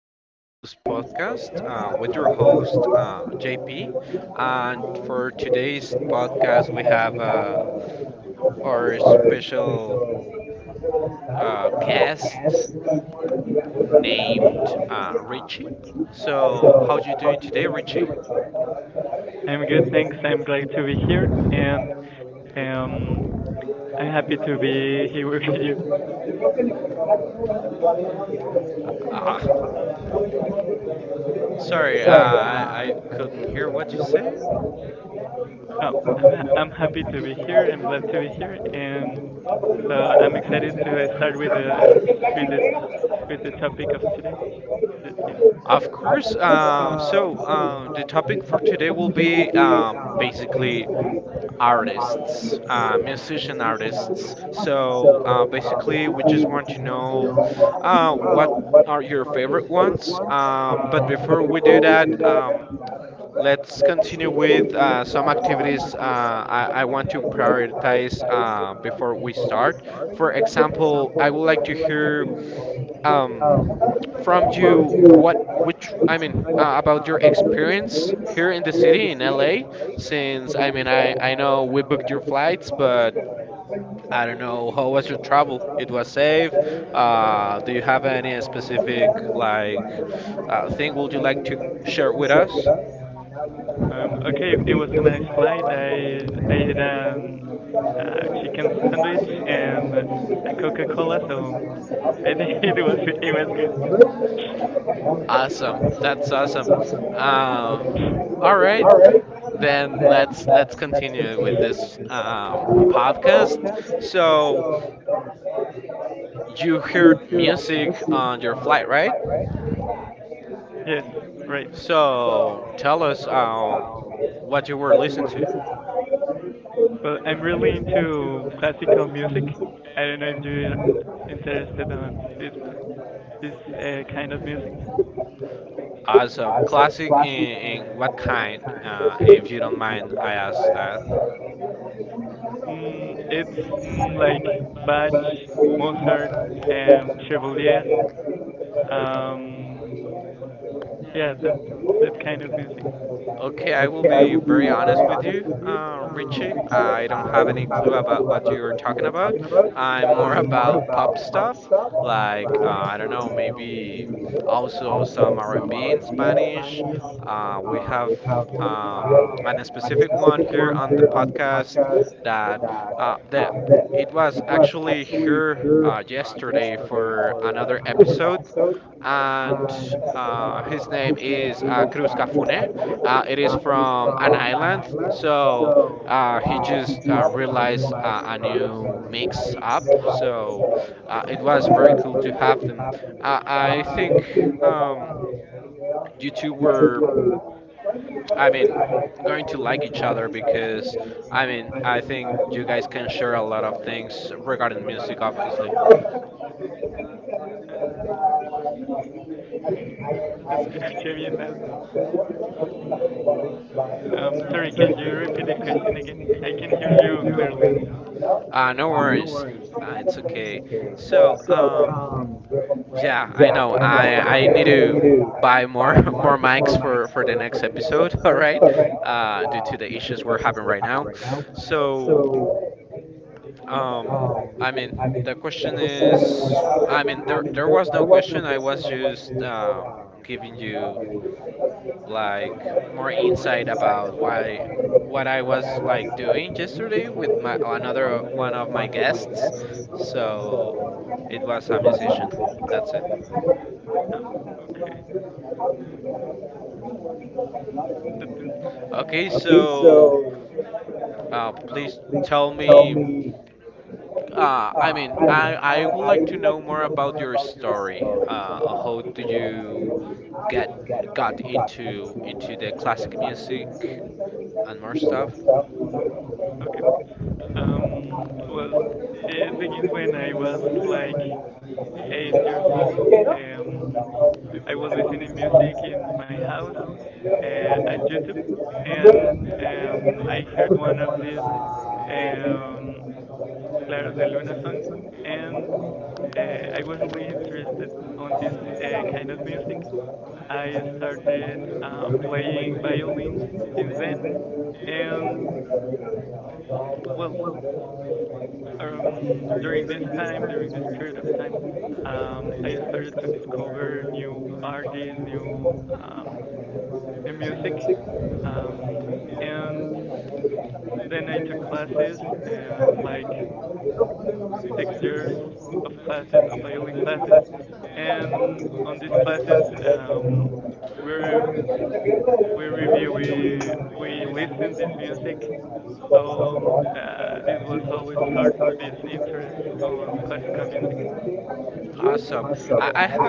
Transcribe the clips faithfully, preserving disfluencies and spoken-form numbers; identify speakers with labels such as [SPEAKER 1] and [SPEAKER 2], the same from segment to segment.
[SPEAKER 1] is a Blue News Podcast. Uh, your host, David. And for today's podcast, we have uh, our special uh, guest, uh, Rachel. So, how are you doing
[SPEAKER 2] I'm good,
[SPEAKER 1] today,
[SPEAKER 2] thanks. I'm glad to be here, and um, I'm happy
[SPEAKER 1] Rachel?
[SPEAKER 2] to be here with
[SPEAKER 1] Sorry,
[SPEAKER 2] you.
[SPEAKER 1] uh, I couldn't hear what
[SPEAKER 2] Oh, I'm ha- I'm happy to be here. I'm glad to be here, and
[SPEAKER 1] you said.
[SPEAKER 2] so I'm
[SPEAKER 1] Uh, I'm
[SPEAKER 2] excited to uh, start with the
[SPEAKER 1] excited.
[SPEAKER 2] with the with the topic of today. The
[SPEAKER 1] Uh,
[SPEAKER 2] theme.
[SPEAKER 1] uh, so, uh, the topic today will be uh, basically analysis, uh, decision analysis. So, uh, basically, we just want to know uh, what are your favorite ones. Uh, but before we do that, uh, let's continue with uh, some activities uh, I want to prioritize uh, before we start. For example, I would like to hear um, from you what ex- I mean, uh, about your experience here in the city in L A. Since I, I, know you took the flights, but as long as you travel in U S A, uh, you have any experience? Well, there was.
[SPEAKER 2] Um, okay, it was a nice flight.
[SPEAKER 1] That's
[SPEAKER 2] I I ate um, a chicken sandwich and a Coca-Cola, so I think it was it was good.
[SPEAKER 1] awesome. All right, then let's let's continue with this uh, podcast. So you hear music on your flight, right?
[SPEAKER 2] Yes, right.
[SPEAKER 1] So tell us how what you were listening to.
[SPEAKER 2] Well, I'm
[SPEAKER 1] I'm
[SPEAKER 2] really
[SPEAKER 1] really
[SPEAKER 2] into
[SPEAKER 1] into
[SPEAKER 2] classical
[SPEAKER 1] classical
[SPEAKER 2] music.
[SPEAKER 1] music.
[SPEAKER 2] I don't know if you're interested on this mu- this uh, kind of music.
[SPEAKER 1] Awesome. Classic is my kind. Is it a mind class?
[SPEAKER 2] Mm, it's mm, like Bach, Mozart,
[SPEAKER 1] Mozart.
[SPEAKER 2] um, Chevalier. Um, yeah, that that kind of music.
[SPEAKER 1] Okay, I will be very honest with you, um, Richie. I don't have any clue about what you are talking about. I'm more about pop stuff, like, uh, I don't know, maybe also some R and D in Spanish. Uh, we have uh, a specific one here on the podcast that, uh, that it was actually here uh, yesterday for another episode. And uh, his name is uh, Cruz Castanet. Uh, it is from an island. So uh, he just uh, realized uh, my name was Alex. Uh, so uh, it was very cool to. Uh, uh, I think um, were, I mean, trying to like each other like this. I mean, I think you guys can share a lot of things. We're talking to each.
[SPEAKER 2] Uh,
[SPEAKER 1] Sorry,
[SPEAKER 2] no te escuché bien nada. Um, sorry, can you repeat the question again? I can hear you clearly.
[SPEAKER 1] uh, no worries. It's okay. So, um, yeah, I know. I, I need to buy Mark before mics for, for the next episode. All right, uh, due to the issues we're having right now. So, um, I mean, the question is, I mean, there, there was no question. I was just um, giving you an insight about what I was like doing yesterday with my, another one of my guests. So it was a conversation.
[SPEAKER 2] Um, okay. But it's-
[SPEAKER 1] That's it. Okay, so uh, please tell me. Uh, I mean, I, I would like to know more about your story uh,
[SPEAKER 2] yeah,
[SPEAKER 1] before you get got into, into the classic music your stuff.
[SPEAKER 2] okay.
[SPEAKER 1] Okay.
[SPEAKER 2] Um, well, it begins when I was like eight years old. um, I was
[SPEAKER 1] I will
[SPEAKER 2] listening
[SPEAKER 1] listen to
[SPEAKER 2] music
[SPEAKER 1] music
[SPEAKER 2] in
[SPEAKER 1] in
[SPEAKER 2] my house
[SPEAKER 1] my
[SPEAKER 2] uh, at
[SPEAKER 1] lounge and I
[SPEAKER 2] YouTube,
[SPEAKER 1] did
[SPEAKER 2] and um, I heard
[SPEAKER 1] it.
[SPEAKER 2] one of
[SPEAKER 1] And
[SPEAKER 2] these
[SPEAKER 1] I
[SPEAKER 2] um, Claro de Luna song, and uh, I was really interested on this uh, kind of music. I started uh, playing violin since then, and well, um during this
[SPEAKER 1] during this
[SPEAKER 2] time during
[SPEAKER 1] time,
[SPEAKER 2] this
[SPEAKER 1] um, I
[SPEAKER 2] period of
[SPEAKER 1] decided
[SPEAKER 2] time, um I started
[SPEAKER 1] to take
[SPEAKER 2] to
[SPEAKER 1] over
[SPEAKER 2] discover new artists, new um new music, um and
[SPEAKER 1] music.
[SPEAKER 2] then I took classes,
[SPEAKER 1] Thank
[SPEAKER 2] um like six years of classes, of violin classes. And on these classes, um we we review we we listen this music. So, um, uh this was
[SPEAKER 1] you
[SPEAKER 2] how
[SPEAKER 1] was
[SPEAKER 2] we
[SPEAKER 1] how we
[SPEAKER 2] start this interest
[SPEAKER 1] started.
[SPEAKER 2] on classical music.
[SPEAKER 1] Awesome.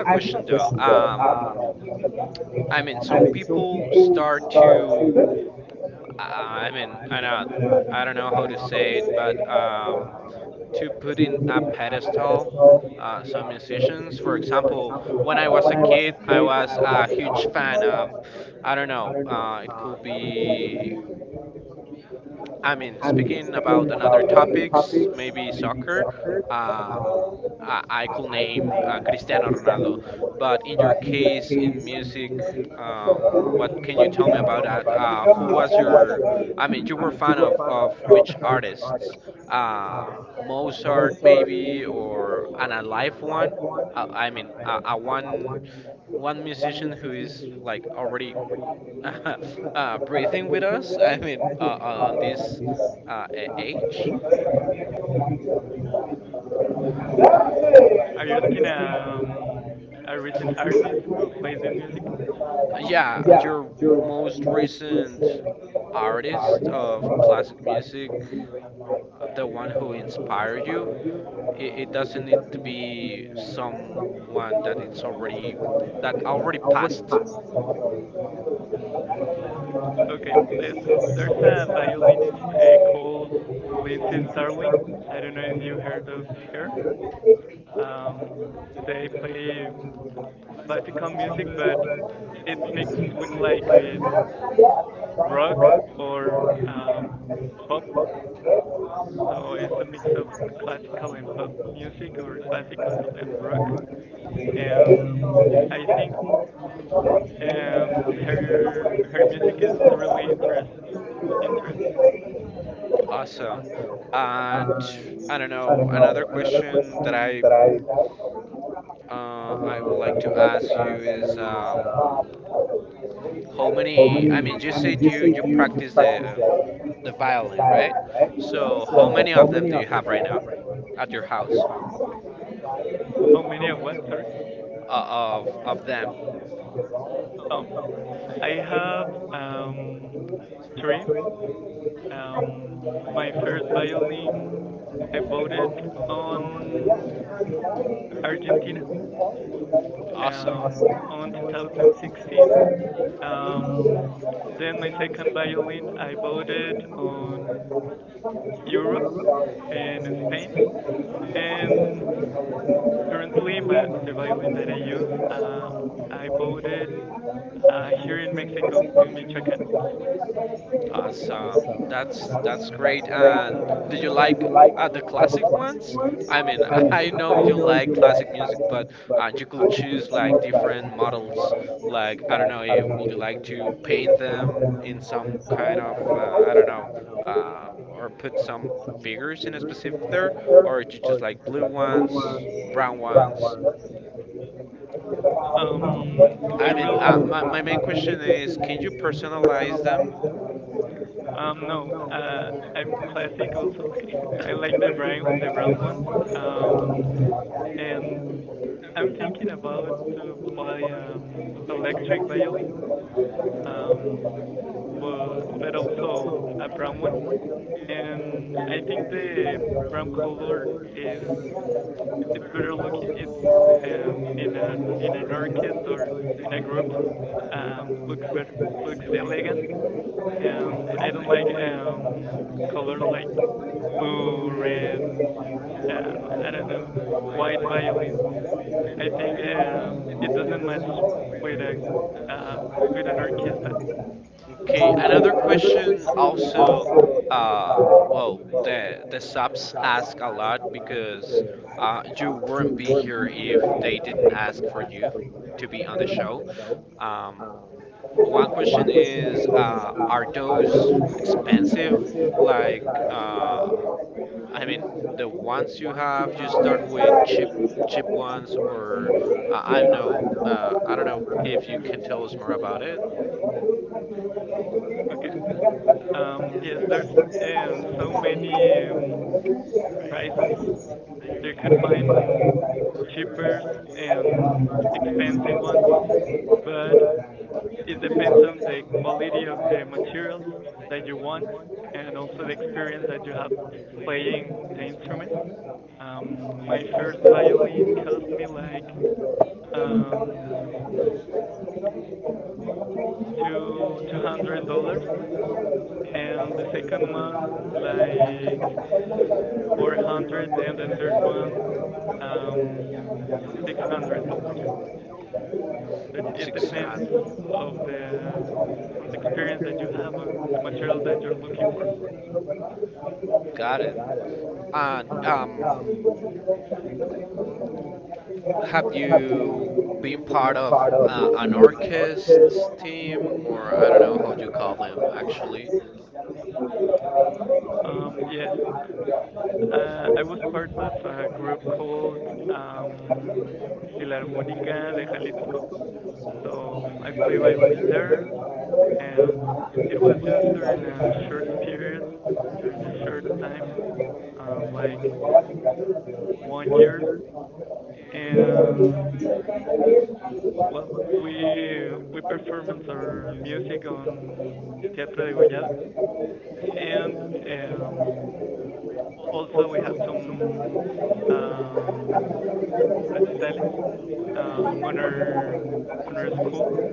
[SPEAKER 1] I, I have a question though. Uh, I mean, some people start to. uh, I mean, I don't, I don't know how to say it, but uh, to put in a pedestal uh, some decisions. For example, when I was a kid, I was a huge fan. I don't know. Uh, I mean, speaking about other topics, maybe soccer, uh, I could name uh, Cristiano Ronaldo. But in your case, in music, uh, what can you tell me about that? Uh, who was your, I mean, you were a fan of, of which artists? Uh, Most also, maybe an a live one. Uh, I mean, a, a one one musician who is like already uh, breathing with us. I think uh, this
[SPEAKER 2] Are you
[SPEAKER 1] uh,
[SPEAKER 2] asking
[SPEAKER 1] eight.
[SPEAKER 2] um a
[SPEAKER 1] Yeah.
[SPEAKER 2] recent artist who plays this music?
[SPEAKER 1] Yeah, your most recent artist? Of classic music and like the one who inspired you, it, it doesn't need to be some different than someone like already passed.
[SPEAKER 2] Mm, okay, there's
[SPEAKER 1] Okay,
[SPEAKER 2] there's a
[SPEAKER 1] there's,
[SPEAKER 2] violinist uh, called Lindsay Starling. I don't know if you heard of her.
[SPEAKER 1] there's a like music
[SPEAKER 2] Um, they
[SPEAKER 1] starting.
[SPEAKER 2] play classical music,
[SPEAKER 1] Music,
[SPEAKER 2] but
[SPEAKER 1] but
[SPEAKER 2] it's
[SPEAKER 1] it's
[SPEAKER 2] mixed with,
[SPEAKER 1] mixed
[SPEAKER 2] like,
[SPEAKER 1] like
[SPEAKER 2] with
[SPEAKER 1] rock
[SPEAKER 2] rock or
[SPEAKER 1] or
[SPEAKER 2] um
[SPEAKER 1] um,
[SPEAKER 2] pop.
[SPEAKER 1] pop. And
[SPEAKER 2] So it's
[SPEAKER 1] so
[SPEAKER 2] a mix of
[SPEAKER 1] it's a
[SPEAKER 2] classical and pop
[SPEAKER 1] classical
[SPEAKER 2] music, or
[SPEAKER 1] music when
[SPEAKER 2] classical
[SPEAKER 1] classical
[SPEAKER 2] and rock.
[SPEAKER 1] and they um,
[SPEAKER 2] Um, I
[SPEAKER 1] yeah, I think
[SPEAKER 2] think
[SPEAKER 1] like
[SPEAKER 2] Um, her her music is really interest
[SPEAKER 1] then uh,
[SPEAKER 2] interest.
[SPEAKER 1] awesome. And I don't know, another question that I uh, I would like to ask you is uh, how many? I mean, you said you you practice the, the violin, right? So how many of them do you have right now at your house?
[SPEAKER 2] How many of what? Sorry. Um, I have um three. Um, my first violin I bought it on Argentina.
[SPEAKER 1] Um,
[SPEAKER 2] Um, on
[SPEAKER 1] Around twenty sixteen.
[SPEAKER 2] twenty sixteen.
[SPEAKER 1] Um,
[SPEAKER 2] Um, then my second violin I bought it on Europe, in
[SPEAKER 1] and
[SPEAKER 2] Spain.
[SPEAKER 1] Spain, and we have
[SPEAKER 2] And currently my
[SPEAKER 1] currently
[SPEAKER 2] the
[SPEAKER 1] my
[SPEAKER 2] violin that I use, um I
[SPEAKER 1] life
[SPEAKER 2] bought it uh, here in
[SPEAKER 1] in
[SPEAKER 2] Mexico, in Michoacan.
[SPEAKER 1] Mexico. So that's, that's great. Uh, did you like other classic ones? I mean, I know you like classic music, but uh, you could choose like different models. Like, I don't know if you like to paint them in some kind of, uh, I don't know, uh, put some figures in a specific order, or you just like blue ones, brown ones. Um, I mean,
[SPEAKER 2] Um, I really,
[SPEAKER 1] uh, my, my main question is, can you personalize them?
[SPEAKER 2] um, no, uh, I'm classic also. I like the brown, the brown ones. Um, and I'm thinking about to buy um electric violin,
[SPEAKER 1] Thank
[SPEAKER 2] um, but but also a brown one. And I think the brown color is it's better looking if, um in an in an orchestra or in a group, um looks better, looks elegant. Um I don't like, um colors like blue, red, uh, I don't know, white violins. I think um it doesn't match with a uh with an orchestra.
[SPEAKER 1] you. Another question is also about the subs asked a lot because uh, you won't be here if they didn't ask for you to be on the show. Um, One question is, uh, are those expensive? Like, uh, the ones you have, the cheap ones, or, uh, I don't know. Uh, I don't know. You can tell us more about it.
[SPEAKER 2] Okay.
[SPEAKER 1] Um,
[SPEAKER 2] Um yes, there's
[SPEAKER 1] drugs and
[SPEAKER 2] uh, so
[SPEAKER 1] so
[SPEAKER 2] many,
[SPEAKER 1] many
[SPEAKER 2] um, prices.
[SPEAKER 1] prices.
[SPEAKER 2] You
[SPEAKER 1] I
[SPEAKER 2] could
[SPEAKER 1] mean, like,
[SPEAKER 2] find cheapest and
[SPEAKER 1] and
[SPEAKER 2] expensive
[SPEAKER 1] expensive
[SPEAKER 2] ones,
[SPEAKER 1] already,
[SPEAKER 2] but
[SPEAKER 1] but
[SPEAKER 2] it
[SPEAKER 1] it
[SPEAKER 2] depends on the
[SPEAKER 1] depends on
[SPEAKER 2] quality of the materials that you want, and also the experience that you have
[SPEAKER 1] the
[SPEAKER 2] playing the instrument. Um, my first violin cost me like, um two two
[SPEAKER 1] opinion.
[SPEAKER 2] hundred dollars, and the second one like four hundred, and the third one, um six hundred dollars. It it depends of the, on the experience that you have, on the material that you're looking for.
[SPEAKER 1] Yeah. Have you been part of an orchestra?
[SPEAKER 2] Um, yes, uh, I was part of a group called,
[SPEAKER 1] Have
[SPEAKER 2] um,
[SPEAKER 1] you.
[SPEAKER 2] Filarmónica de Jalisco, so I play violin there. Um, it was just during a short period, during a short time, um, like one year, and well, we we performed our music on Teatro de Gollado. And, um, also we had some, um, recitales
[SPEAKER 1] Thank
[SPEAKER 2] uh, on our
[SPEAKER 1] you.
[SPEAKER 2] on our school.
[SPEAKER 1] So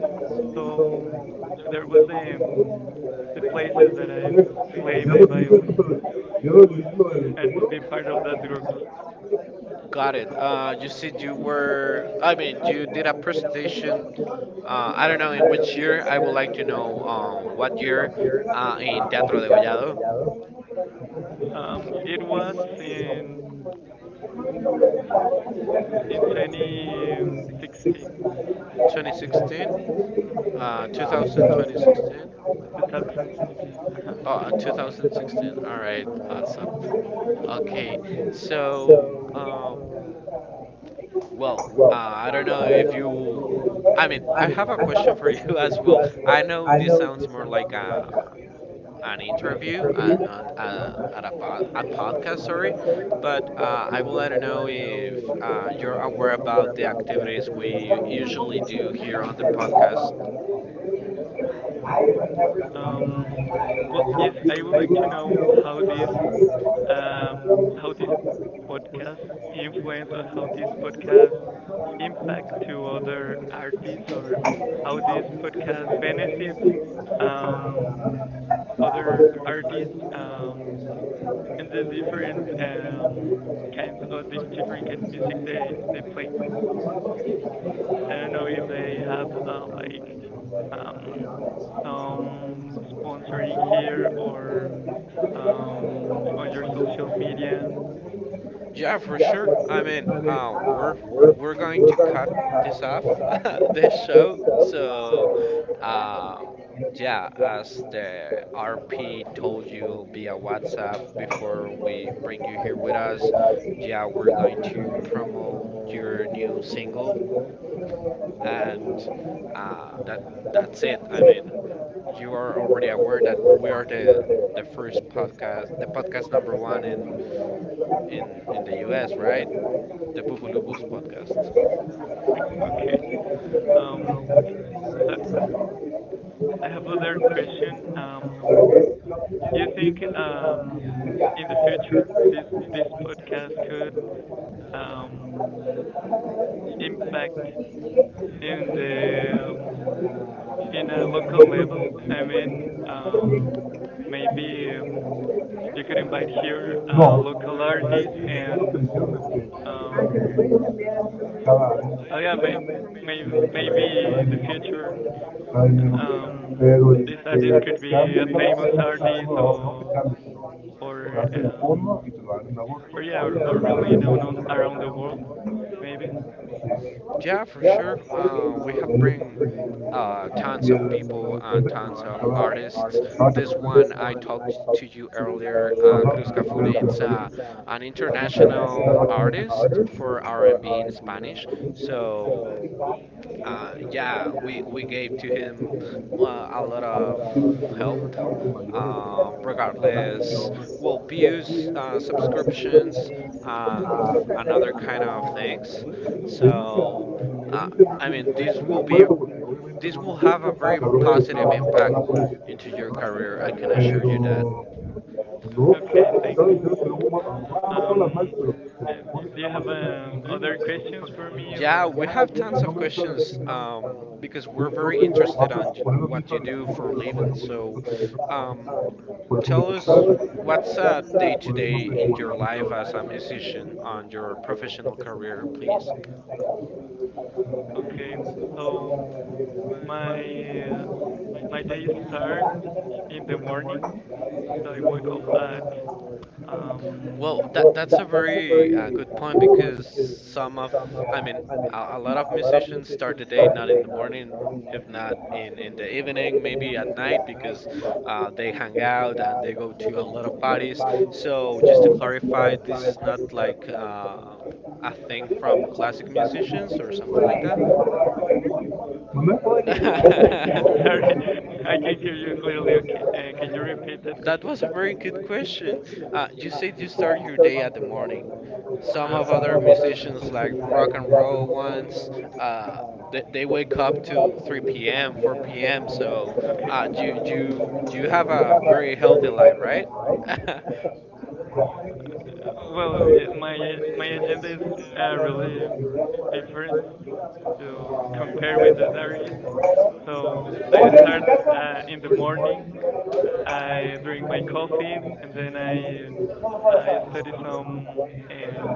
[SPEAKER 2] So there
[SPEAKER 1] they're
[SPEAKER 2] was
[SPEAKER 1] just
[SPEAKER 2] the, um,
[SPEAKER 1] like
[SPEAKER 2] the places
[SPEAKER 1] places
[SPEAKER 2] that I
[SPEAKER 1] like.
[SPEAKER 2] play
[SPEAKER 1] Ya
[SPEAKER 2] my
[SPEAKER 1] los vi ver esto,
[SPEAKER 2] violin
[SPEAKER 1] pero el
[SPEAKER 2] and
[SPEAKER 1] seguro.
[SPEAKER 2] be part of that group.
[SPEAKER 1] I don't know that which year I would like to know what year uh, I'll be
[SPEAKER 2] Um, it
[SPEAKER 1] definitely
[SPEAKER 2] was in in
[SPEAKER 1] same. Yeah,
[SPEAKER 2] twenty sixteen,
[SPEAKER 1] Uh,
[SPEAKER 2] mm-hmm. twenty sixteen. Uh-huh. Mhm.
[SPEAKER 1] so, um, well, uh, I don't know. I mean, I have a question for you as well. I know this sounds more like a, an interview, Uh, personally, but uh, I want to know if uh, you about the activities we usually do during podcasts. Um, I would, never
[SPEAKER 2] Um,
[SPEAKER 1] come I
[SPEAKER 2] well, yes,
[SPEAKER 1] you
[SPEAKER 2] I would
[SPEAKER 1] I would
[SPEAKER 2] like to
[SPEAKER 1] like to
[SPEAKER 2] know how
[SPEAKER 1] know um,
[SPEAKER 2] this,
[SPEAKER 1] what
[SPEAKER 2] um,
[SPEAKER 1] is
[SPEAKER 2] how
[SPEAKER 1] the
[SPEAKER 2] this
[SPEAKER 1] podcast impact?
[SPEAKER 2] podcast influence, or how this podcast impact to other artists, or how this podcast benefits,
[SPEAKER 1] um,
[SPEAKER 2] um, other
[SPEAKER 1] Other artists?
[SPEAKER 2] artists,
[SPEAKER 1] Um,
[SPEAKER 2] um, and the different, um, kinds of the different kind of music they, they play. I don't know if they have, uh, like,
[SPEAKER 1] Government,
[SPEAKER 2] um, some sponsoring here or, um, on your social media.
[SPEAKER 1] that picture, I mean, uh, we're, we're going to have a report on this show, so, uh, yeah. uh, Yeah, we're going to.
[SPEAKER 2] Okay. Um, Uh, I have other question. Um, do you think, um, in the future this this podcast could, um, impact
[SPEAKER 1] Thank
[SPEAKER 2] in the, um, in a local level? I mean,
[SPEAKER 1] you.
[SPEAKER 2] um, maybe, um, you could invite here, uh,
[SPEAKER 1] No,
[SPEAKER 2] local artists,
[SPEAKER 1] eh, es lo
[SPEAKER 2] and
[SPEAKER 1] dijeron, este,
[SPEAKER 2] um,
[SPEAKER 1] lo que cada año.
[SPEAKER 2] oh yeah, may, may,
[SPEAKER 1] Pero,
[SPEAKER 2] maybe in the future, um,
[SPEAKER 1] el
[SPEAKER 2] this artist
[SPEAKER 1] que
[SPEAKER 2] could be
[SPEAKER 1] cambia
[SPEAKER 2] a famous
[SPEAKER 1] está la
[SPEAKER 2] artist,
[SPEAKER 1] no, que
[SPEAKER 2] or
[SPEAKER 1] cambie cambia, te
[SPEAKER 2] or
[SPEAKER 1] hacen
[SPEAKER 2] um,
[SPEAKER 1] forma y te lo dan en
[SPEAKER 2] Or
[SPEAKER 1] agosto.
[SPEAKER 2] yeah,
[SPEAKER 1] Y
[SPEAKER 2] or,
[SPEAKER 1] el,
[SPEAKER 2] or
[SPEAKER 1] la
[SPEAKER 2] really known on,
[SPEAKER 1] descuenta que
[SPEAKER 2] around
[SPEAKER 1] te
[SPEAKER 2] the
[SPEAKER 1] lo
[SPEAKER 2] world, maybe.
[SPEAKER 1] dan cada, cada catorce meses. Ajá, pero que la an international artist for our and B inspiration. So yeah, we, we gave to him uh, our uh, uh, situations, uh, and. Es lo que no entendí, yo dije, estoy de acuerdo, porque obviamente no la bronca está, van a pagar la policía, pero no sé,
[SPEAKER 2] Okay,
[SPEAKER 1] estaba
[SPEAKER 2] thanks.
[SPEAKER 1] diciendo que luego, a lo mejor no con las mal,
[SPEAKER 2] Um,
[SPEAKER 1] pero se
[SPEAKER 2] and
[SPEAKER 1] supone que
[SPEAKER 2] do you
[SPEAKER 1] nada más
[SPEAKER 2] have,
[SPEAKER 1] se me
[SPEAKER 2] um
[SPEAKER 1] elimina
[SPEAKER 2] other questions for me or?
[SPEAKER 1] el nombre extra de designar un poco. Me dice, ok, vas a poner los mil para el segundo, pero no vas a poner los otros trescientos para otro. Por eso me dijo, claro, sí. Por eso no te dejo guardar mi lado.
[SPEAKER 2] Okay, so my, uh, my
[SPEAKER 1] My
[SPEAKER 2] day start in the morning. So I wake up
[SPEAKER 1] days,
[SPEAKER 2] at um.
[SPEAKER 1] well, that, that's a very uh, good one because some of, I mean, a lot of musicians start the day in the morning, uh, in the evening, maybe at night, but uh, they hang out and they go to different parties. So Spotify is sort of like uh, uh, classic musicians. Manda?
[SPEAKER 2] Sorry, I
[SPEAKER 1] uh,
[SPEAKER 2] can hear you clearly. Okay,
[SPEAKER 1] I-
[SPEAKER 2] uh, can you repeat that question?
[SPEAKER 1] that was a very good question. Uh, you said you started the day at
[SPEAKER 2] Uh huh.
[SPEAKER 1] some of other musicians like Robin Williams, uh, they, they wake up to you three p m, four p m. So uh,
[SPEAKER 2] Okay.
[SPEAKER 1] you, you have a very healthy life, right?
[SPEAKER 2] Uh, Well,
[SPEAKER 1] Well,
[SPEAKER 2] yeah, my uh, my
[SPEAKER 1] my
[SPEAKER 2] agenda is,
[SPEAKER 1] attendance is
[SPEAKER 2] uh,
[SPEAKER 1] uh,
[SPEAKER 2] really
[SPEAKER 1] related to
[SPEAKER 2] different
[SPEAKER 1] first
[SPEAKER 2] to compare with
[SPEAKER 1] compared with
[SPEAKER 2] the diaries.
[SPEAKER 1] others. So,
[SPEAKER 2] So I start, uh, in the
[SPEAKER 1] uh,
[SPEAKER 2] morning. I drink my coffee, and then
[SPEAKER 1] uh,
[SPEAKER 2] I I study some, um,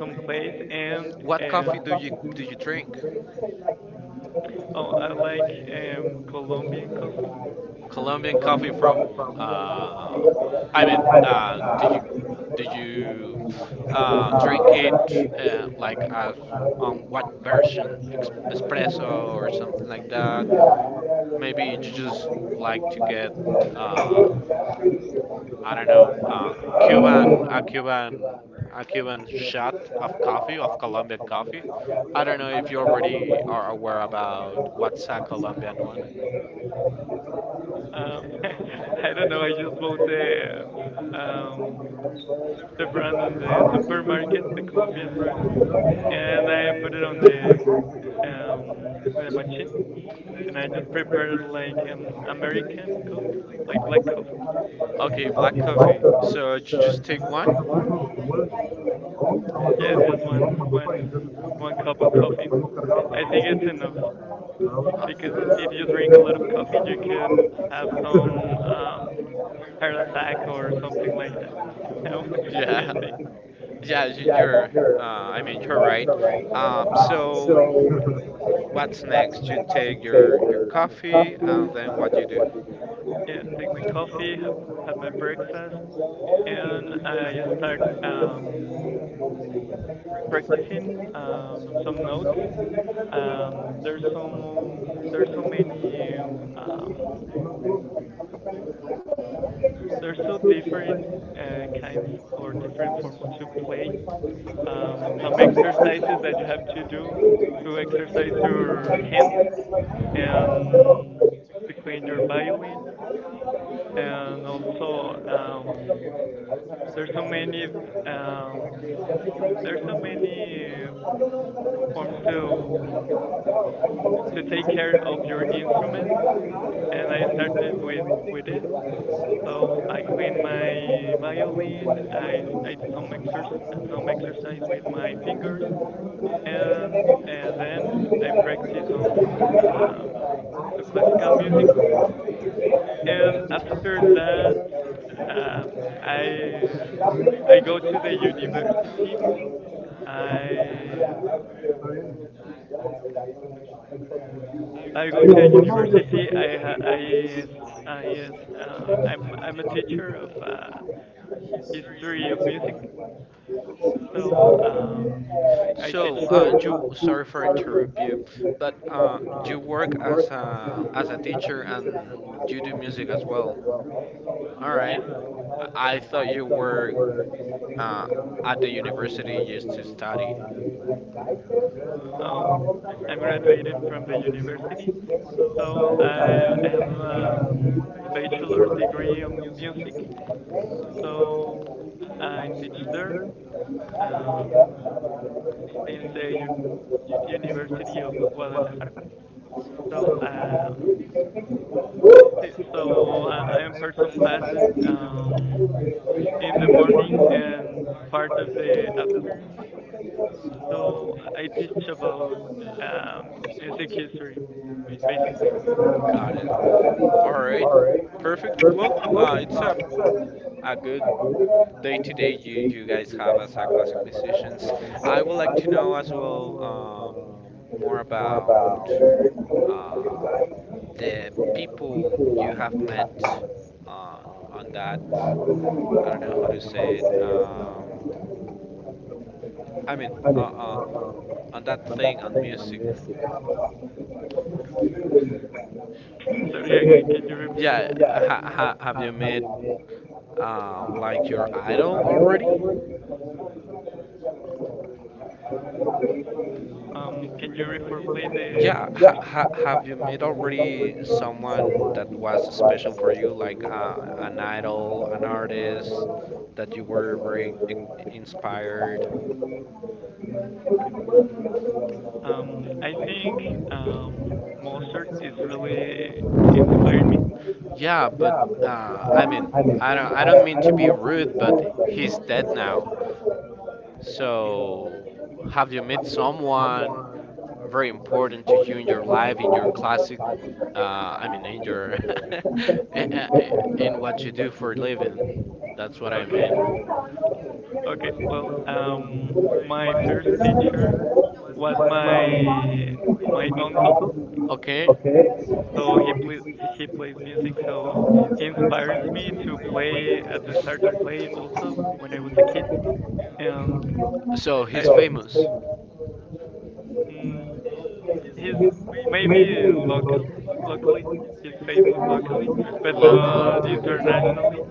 [SPEAKER 2] some place. And, uh,
[SPEAKER 1] by
[SPEAKER 2] oh, I like, um, Colombian coffee.
[SPEAKER 1] the, uh, I was thinking of Franco or something like that. Maybe like, uh, like Cuba, Cuba, Cuban shot or copy of Columbus shot. I don't know if you are aware
[SPEAKER 2] Um, I don't know. I just bought the, um, the brand
[SPEAKER 1] of
[SPEAKER 2] on the
[SPEAKER 1] Pakistan.
[SPEAKER 2] supermarket, the Colombian brand, and I put it
[SPEAKER 1] The
[SPEAKER 2] on the,
[SPEAKER 1] brand.
[SPEAKER 2] um the machine, and I just prepared like an American coffee, like black coffee.
[SPEAKER 1] Aus dem Marktplatz.
[SPEAKER 2] Yeah, it's just one one one cup of coffee. I think it's enough, because if you drink a lot of coffee, you could have some, um heart attack or something like that. I
[SPEAKER 1] I.
[SPEAKER 2] think.
[SPEAKER 1] Yeah, you're, uh, right. Um, so, what's next? You take your, your coffee, uh, that's what
[SPEAKER 2] Yeah, take my coffee, have have my breakfast,
[SPEAKER 1] you
[SPEAKER 2] and
[SPEAKER 1] do.
[SPEAKER 2] I just start,
[SPEAKER 1] Ya
[SPEAKER 2] um
[SPEAKER 1] se
[SPEAKER 2] practicing, um some notes. Um, there's so there's so many. um um There's so Different uh, kinds, or different forms to play. Um, some exercises that you have to do to exercise your hands, and to clean your violin. And also, um, there's so many um,
[SPEAKER 1] fue la que
[SPEAKER 2] there's
[SPEAKER 1] me
[SPEAKER 2] so
[SPEAKER 1] fue.
[SPEAKER 2] many
[SPEAKER 1] Thank
[SPEAKER 2] forms to to take care of your instrument. And I started with with it. So I clean my violin. I I do some exerc some exercise with my fingers, and, uh, then I practice some, um, some classical music. And after that, um, I I go to the university. I I go to the university. I ha- I yes I yes um I'm I'm a teacher of, uh, history of music.
[SPEAKER 1] you.
[SPEAKER 2] So,
[SPEAKER 1] So,
[SPEAKER 2] um,
[SPEAKER 1] um,
[SPEAKER 2] I
[SPEAKER 1] I
[SPEAKER 2] teach
[SPEAKER 1] did uh, do
[SPEAKER 2] there.
[SPEAKER 1] refer to uh, do work as a as a teacher as well.
[SPEAKER 2] Yes.
[SPEAKER 1] I thought you were at the university in I graduated
[SPEAKER 2] So I'm graduated from the
[SPEAKER 1] from the university.
[SPEAKER 2] university. So
[SPEAKER 1] So
[SPEAKER 2] I
[SPEAKER 1] I
[SPEAKER 2] I have,
[SPEAKER 1] have
[SPEAKER 2] um
[SPEAKER 1] a
[SPEAKER 2] bachelor's
[SPEAKER 1] bachelor
[SPEAKER 2] degree
[SPEAKER 1] degree.
[SPEAKER 2] in music.
[SPEAKER 1] So I'm a teacher.
[SPEAKER 2] So
[SPEAKER 1] University
[SPEAKER 2] I teach there,
[SPEAKER 1] of
[SPEAKER 2] uh,
[SPEAKER 1] Guadalajara. So, uh,
[SPEAKER 2] in
[SPEAKER 1] sit-
[SPEAKER 2] the
[SPEAKER 1] so,
[SPEAKER 2] un- University of Guadalajara. So, um si- so I, I impart some
[SPEAKER 1] first in class,
[SPEAKER 2] classes,
[SPEAKER 1] uh, in
[SPEAKER 2] um
[SPEAKER 1] the
[SPEAKER 2] in the morning,
[SPEAKER 1] morning,
[SPEAKER 2] and part of the afternoon. So I teach about, um, music history,
[SPEAKER 1] uh,
[SPEAKER 2] basically.
[SPEAKER 1] uh, all right. I believe on day-to-day here, do you guys have uh, like positions? I would like to know as well um, more about the people you have met um, that uh, how to say it, um, I mean, uh, um, on that thing on music.
[SPEAKER 2] Sorry again, can you repeat it?
[SPEAKER 1] Yeah, ha, ha, have you met uh, like your idol over?
[SPEAKER 2] Um, can you reformulate the the
[SPEAKER 1] Yeah,
[SPEAKER 2] question?
[SPEAKER 1] someone that was special for you, like uh, an idol, an artist that you were very inspired
[SPEAKER 2] Okay. Um, I think, um, Mozart is really inspiring me.
[SPEAKER 1] by? Yeah, but uh, I mean, I, I don't need to be religious, like, so have you met someone very important in your life, in your. Uh, I don't. In what you do for a living.
[SPEAKER 2] Okay. Okay. Well, um, my
[SPEAKER 1] My
[SPEAKER 2] first
[SPEAKER 1] first
[SPEAKER 2] teacher
[SPEAKER 1] teacher
[SPEAKER 2] was
[SPEAKER 1] was
[SPEAKER 2] my
[SPEAKER 1] my
[SPEAKER 2] my
[SPEAKER 1] my
[SPEAKER 2] uncle.
[SPEAKER 1] uncle. Okay,
[SPEAKER 2] So he
[SPEAKER 1] so he
[SPEAKER 2] plays he plays music. So he inspires
[SPEAKER 1] inspires
[SPEAKER 2] me to
[SPEAKER 1] me
[SPEAKER 2] play uh, to start to play also when I was
[SPEAKER 1] when
[SPEAKER 2] a kid.
[SPEAKER 1] I
[SPEAKER 2] and
[SPEAKER 1] was a kid.
[SPEAKER 2] I
[SPEAKER 1] So his favorite.
[SPEAKER 2] mm, he's
[SPEAKER 1] He's maybe
[SPEAKER 2] maybe
[SPEAKER 1] lucky,
[SPEAKER 2] local
[SPEAKER 1] he was
[SPEAKER 2] locally, he's
[SPEAKER 1] like,
[SPEAKER 2] famous locally, but
[SPEAKER 1] he
[SPEAKER 2] not
[SPEAKER 1] nah,
[SPEAKER 2] internationally.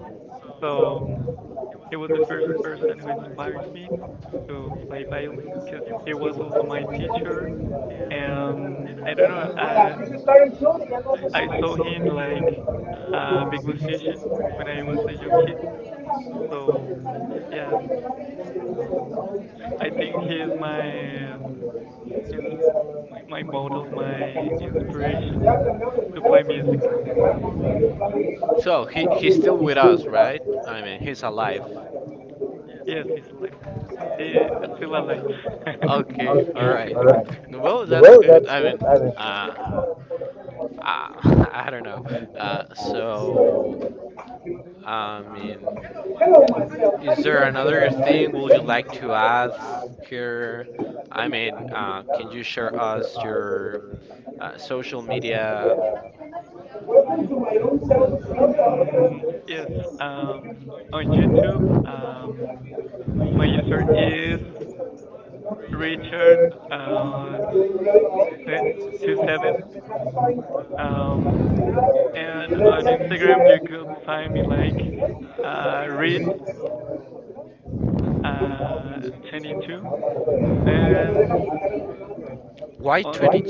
[SPEAKER 2] So, um, he was the first
[SPEAKER 1] was
[SPEAKER 2] person who inspires me to play violin, because he
[SPEAKER 1] he
[SPEAKER 2] was
[SPEAKER 1] was
[SPEAKER 2] also my
[SPEAKER 1] a
[SPEAKER 2] teacher.
[SPEAKER 1] and
[SPEAKER 2] And
[SPEAKER 1] I.
[SPEAKER 2] I don't know, I I saw him like a big musician when I was a young kid. So yeah, I think he is my, ins- my
[SPEAKER 1] So,
[SPEAKER 2] model, my
[SPEAKER 1] like,
[SPEAKER 2] inspiration to play music.
[SPEAKER 1] so, he's still with us, right?
[SPEAKER 2] Yes, he's alive. Eh, still alive.
[SPEAKER 1] Okay. All right. Well, that's it. I mean, uh, I don't know. Uh, so, um, is there another thing you would like to ask? I mean, um, can you share us your uh, social media? Welcome to my own self.
[SPEAKER 2] Mm, yes. Um, on
[SPEAKER 1] On
[SPEAKER 2] YouTube,
[SPEAKER 1] YouTube,
[SPEAKER 2] um, my
[SPEAKER 1] my
[SPEAKER 2] user
[SPEAKER 1] user
[SPEAKER 2] is Richard
[SPEAKER 1] is Right.
[SPEAKER 2] uh two seven. Um, and on Instagram you could find me like, uh Reed uh twenty two. And on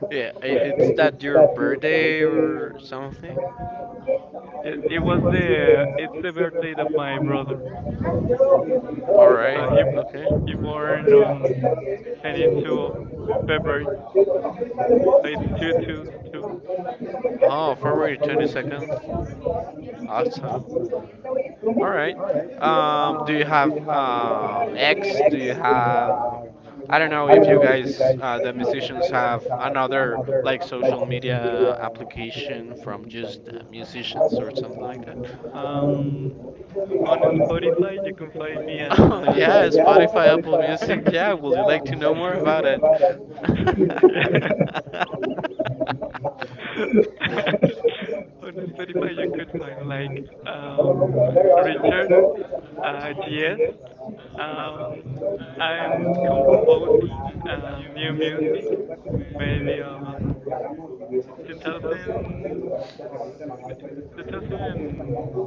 [SPEAKER 1] Yeah, is that your birthday or something?
[SPEAKER 2] it, It was the it's the birthday of my brother. So
[SPEAKER 1] All
[SPEAKER 2] he
[SPEAKER 1] right.
[SPEAKER 2] he born on
[SPEAKER 1] Yeah.
[SPEAKER 2] twenty second of February. It's two twenty-two. hmm
[SPEAKER 1] It is. Um, do you have any uh, do you have, I don't know if you guys, uh, the have another like social media application from you.
[SPEAKER 2] Um,
[SPEAKER 1] Um,
[SPEAKER 2] on Spotify, you can find me as. Uh...
[SPEAKER 1] yeah, Spotify, Apple Music, yeah, would like to know more about
[SPEAKER 2] yeah.
[SPEAKER 1] it.
[SPEAKER 2] on Spotify, you could find like, um, Richard
[SPEAKER 1] Richard,
[SPEAKER 2] uh, G S. Um,
[SPEAKER 1] I'm
[SPEAKER 2] I'm composing,
[SPEAKER 1] composing
[SPEAKER 2] um, new
[SPEAKER 1] and
[SPEAKER 2] music,
[SPEAKER 1] music. There
[SPEAKER 2] maybe on two thousand, two thousand.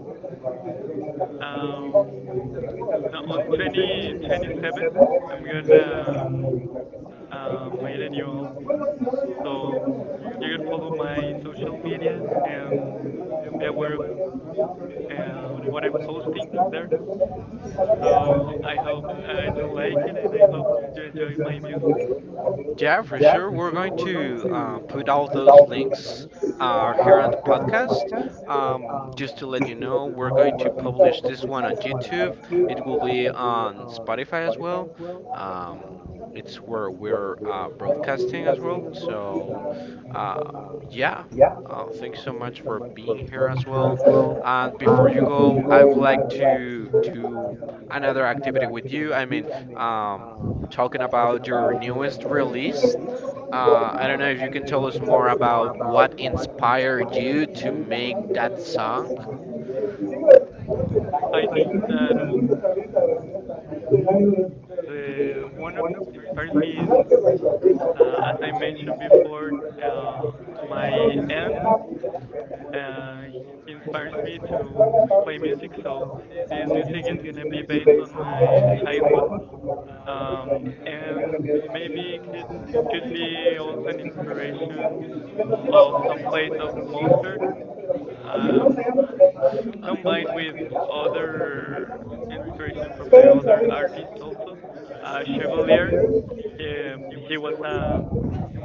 [SPEAKER 2] um, Now on twenty twenty-seven, I'm gonna, um, uh, made a new album. So you can follow my social media, and be aware of,
[SPEAKER 1] were,
[SPEAKER 2] uh, what I'm
[SPEAKER 1] what I'm
[SPEAKER 2] posting
[SPEAKER 1] posting,
[SPEAKER 2] there.
[SPEAKER 1] there,
[SPEAKER 2] So I
[SPEAKER 1] um,
[SPEAKER 2] hope, uh, you like it, and I hope you
[SPEAKER 1] to
[SPEAKER 2] enjoy
[SPEAKER 1] enjoy
[SPEAKER 2] my
[SPEAKER 1] my
[SPEAKER 2] music.
[SPEAKER 1] youth. Yeah, for sure. We're going to um, put all those links uh, here on the podcast. Um, just to let you know, we're going to publish this one on YouTube. It's going on Spotify as well. Um, it's where we're uh, testing as well. So, uh, yeah. Um, thanks so much for coming here as well. Um, before you go, I would like to another activity with you. I mean, um, talking about your influences. Uh, I don't know if you can tell us more about what inspired you to that song.
[SPEAKER 2] I
[SPEAKER 1] I
[SPEAKER 2] think
[SPEAKER 1] think
[SPEAKER 2] that w-
[SPEAKER 1] um, the the
[SPEAKER 2] the one of
[SPEAKER 1] one of the
[SPEAKER 2] inspires
[SPEAKER 1] inspired
[SPEAKER 2] me is,
[SPEAKER 1] me uh,
[SPEAKER 2] uh, as I
[SPEAKER 1] as I
[SPEAKER 2] mentioned before,
[SPEAKER 1] mentioned,
[SPEAKER 2] uh, my aunt.
[SPEAKER 1] uh, my
[SPEAKER 2] Uh,
[SPEAKER 1] dad
[SPEAKER 2] he inspires me to play music,
[SPEAKER 1] waiting to
[SPEAKER 2] so
[SPEAKER 1] go.
[SPEAKER 2] this
[SPEAKER 1] Today's
[SPEAKER 2] music is
[SPEAKER 1] music is
[SPEAKER 2] gonna be
[SPEAKER 1] gonna be
[SPEAKER 2] based on
[SPEAKER 1] based on
[SPEAKER 2] my
[SPEAKER 1] uh,
[SPEAKER 2] childhood.
[SPEAKER 1] Cypher.
[SPEAKER 2] Um,
[SPEAKER 1] Combined
[SPEAKER 2] and
[SPEAKER 1] with
[SPEAKER 2] maybe it could be also an inspiration of some plays of Mozart, um, combined with other inspiration from the other artists also. Uh, Chevalier,
[SPEAKER 1] Chevalier, it
[SPEAKER 2] um, he was um,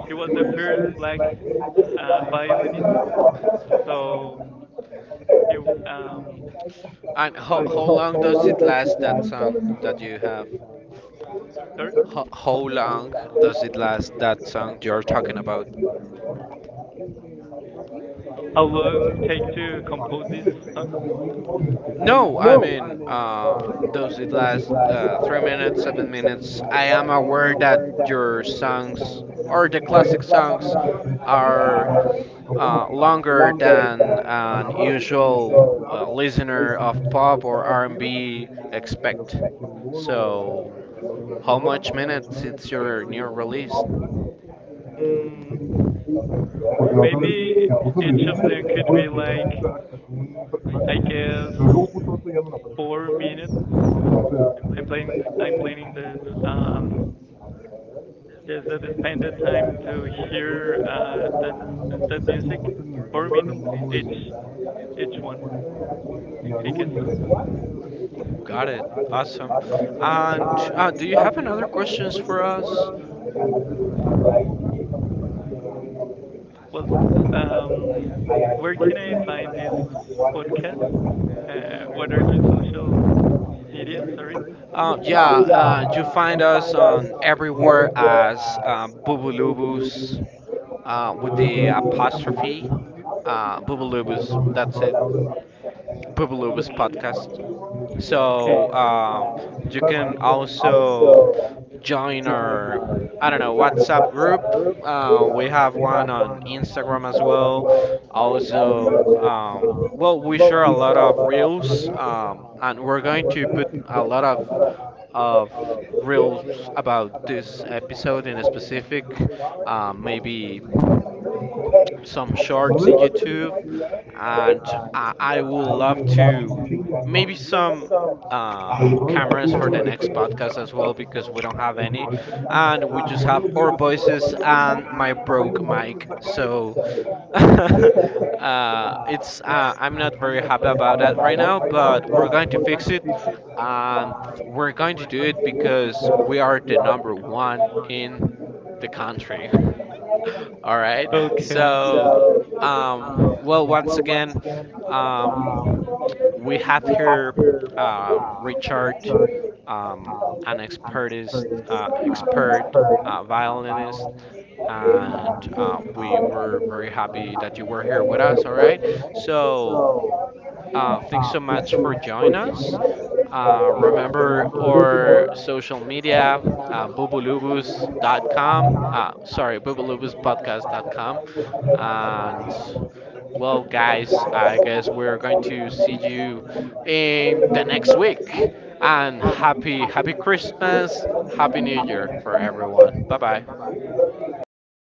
[SPEAKER 2] he was the first black, uh,
[SPEAKER 1] was a uh,
[SPEAKER 2] violinist.
[SPEAKER 1] violin.
[SPEAKER 2] So he um,
[SPEAKER 1] So,
[SPEAKER 2] well,
[SPEAKER 1] and Top Holland does his last dance in
[SPEAKER 2] sorry.
[SPEAKER 1] Holland does his last dance and
[SPEAKER 2] How long take to compose this
[SPEAKER 1] no,
[SPEAKER 2] song?
[SPEAKER 1] I'm in, uh, those are glass, uh, seven minutes. I am aware that the jurors' times, or the class times are, uh, longer than usual listener.
[SPEAKER 2] Mm,
[SPEAKER 1] Porque la otra vez se
[SPEAKER 2] Maybe
[SPEAKER 1] puso de
[SPEAKER 2] each
[SPEAKER 1] derecha,
[SPEAKER 2] of them
[SPEAKER 1] se
[SPEAKER 2] could be
[SPEAKER 1] puso de
[SPEAKER 2] like, I guess,
[SPEAKER 1] no.
[SPEAKER 2] four minutes.
[SPEAKER 1] But
[SPEAKER 2] I'm planning
[SPEAKER 1] the
[SPEAKER 2] I'm
[SPEAKER 1] time
[SPEAKER 2] planning that, um there's a expanded time to hear,
[SPEAKER 1] here
[SPEAKER 2] uh that
[SPEAKER 1] um,
[SPEAKER 2] that music. Four minutes
[SPEAKER 1] performing.
[SPEAKER 2] each each one, I guess.
[SPEAKER 1] Uh, uh, do you have any questions for us? Uh,
[SPEAKER 2] Well, um where
[SPEAKER 1] where
[SPEAKER 2] can I
[SPEAKER 1] can I
[SPEAKER 2] find this
[SPEAKER 1] find
[SPEAKER 2] podcast? Uh what are your social
[SPEAKER 1] this? Um,
[SPEAKER 2] media, sorry?
[SPEAKER 1] yeah, uh, you find us um, everywhere as um, Google Doodles, um, Amazon, um, and all
[SPEAKER 2] Okay.
[SPEAKER 1] so,
[SPEAKER 2] Okay.
[SPEAKER 1] um, but I'm also join our, I don't know, WhatsApp group. Uh, we have one on Instagram as well. Also, um, well, we share a lot of news. uh, And we're going to do a lot of um, really about like, um, maybe some sort of, uh, maybe some. I will continue to make some ah, emphasis on so,
[SPEAKER 2] Okay.
[SPEAKER 1] uh, it's, uh, I'm not very happy about that right now, but we're going to fix it. Uh, we're going to do it because we are the number one in
[SPEAKER 2] Okay.
[SPEAKER 1] so, um, well, once again, um, we have here uh, Richard um, an experienced, uh, expert uh, violinist, and um, we're very happy that you're here with us tonight. So, uh, thanks so much for joining us. Uh, remember your social media, Netflix dot com, uh, sorry, Netflix podcast. Uh, guys, uh, really um, happy, happy Christmas, happy everything. Bye bye.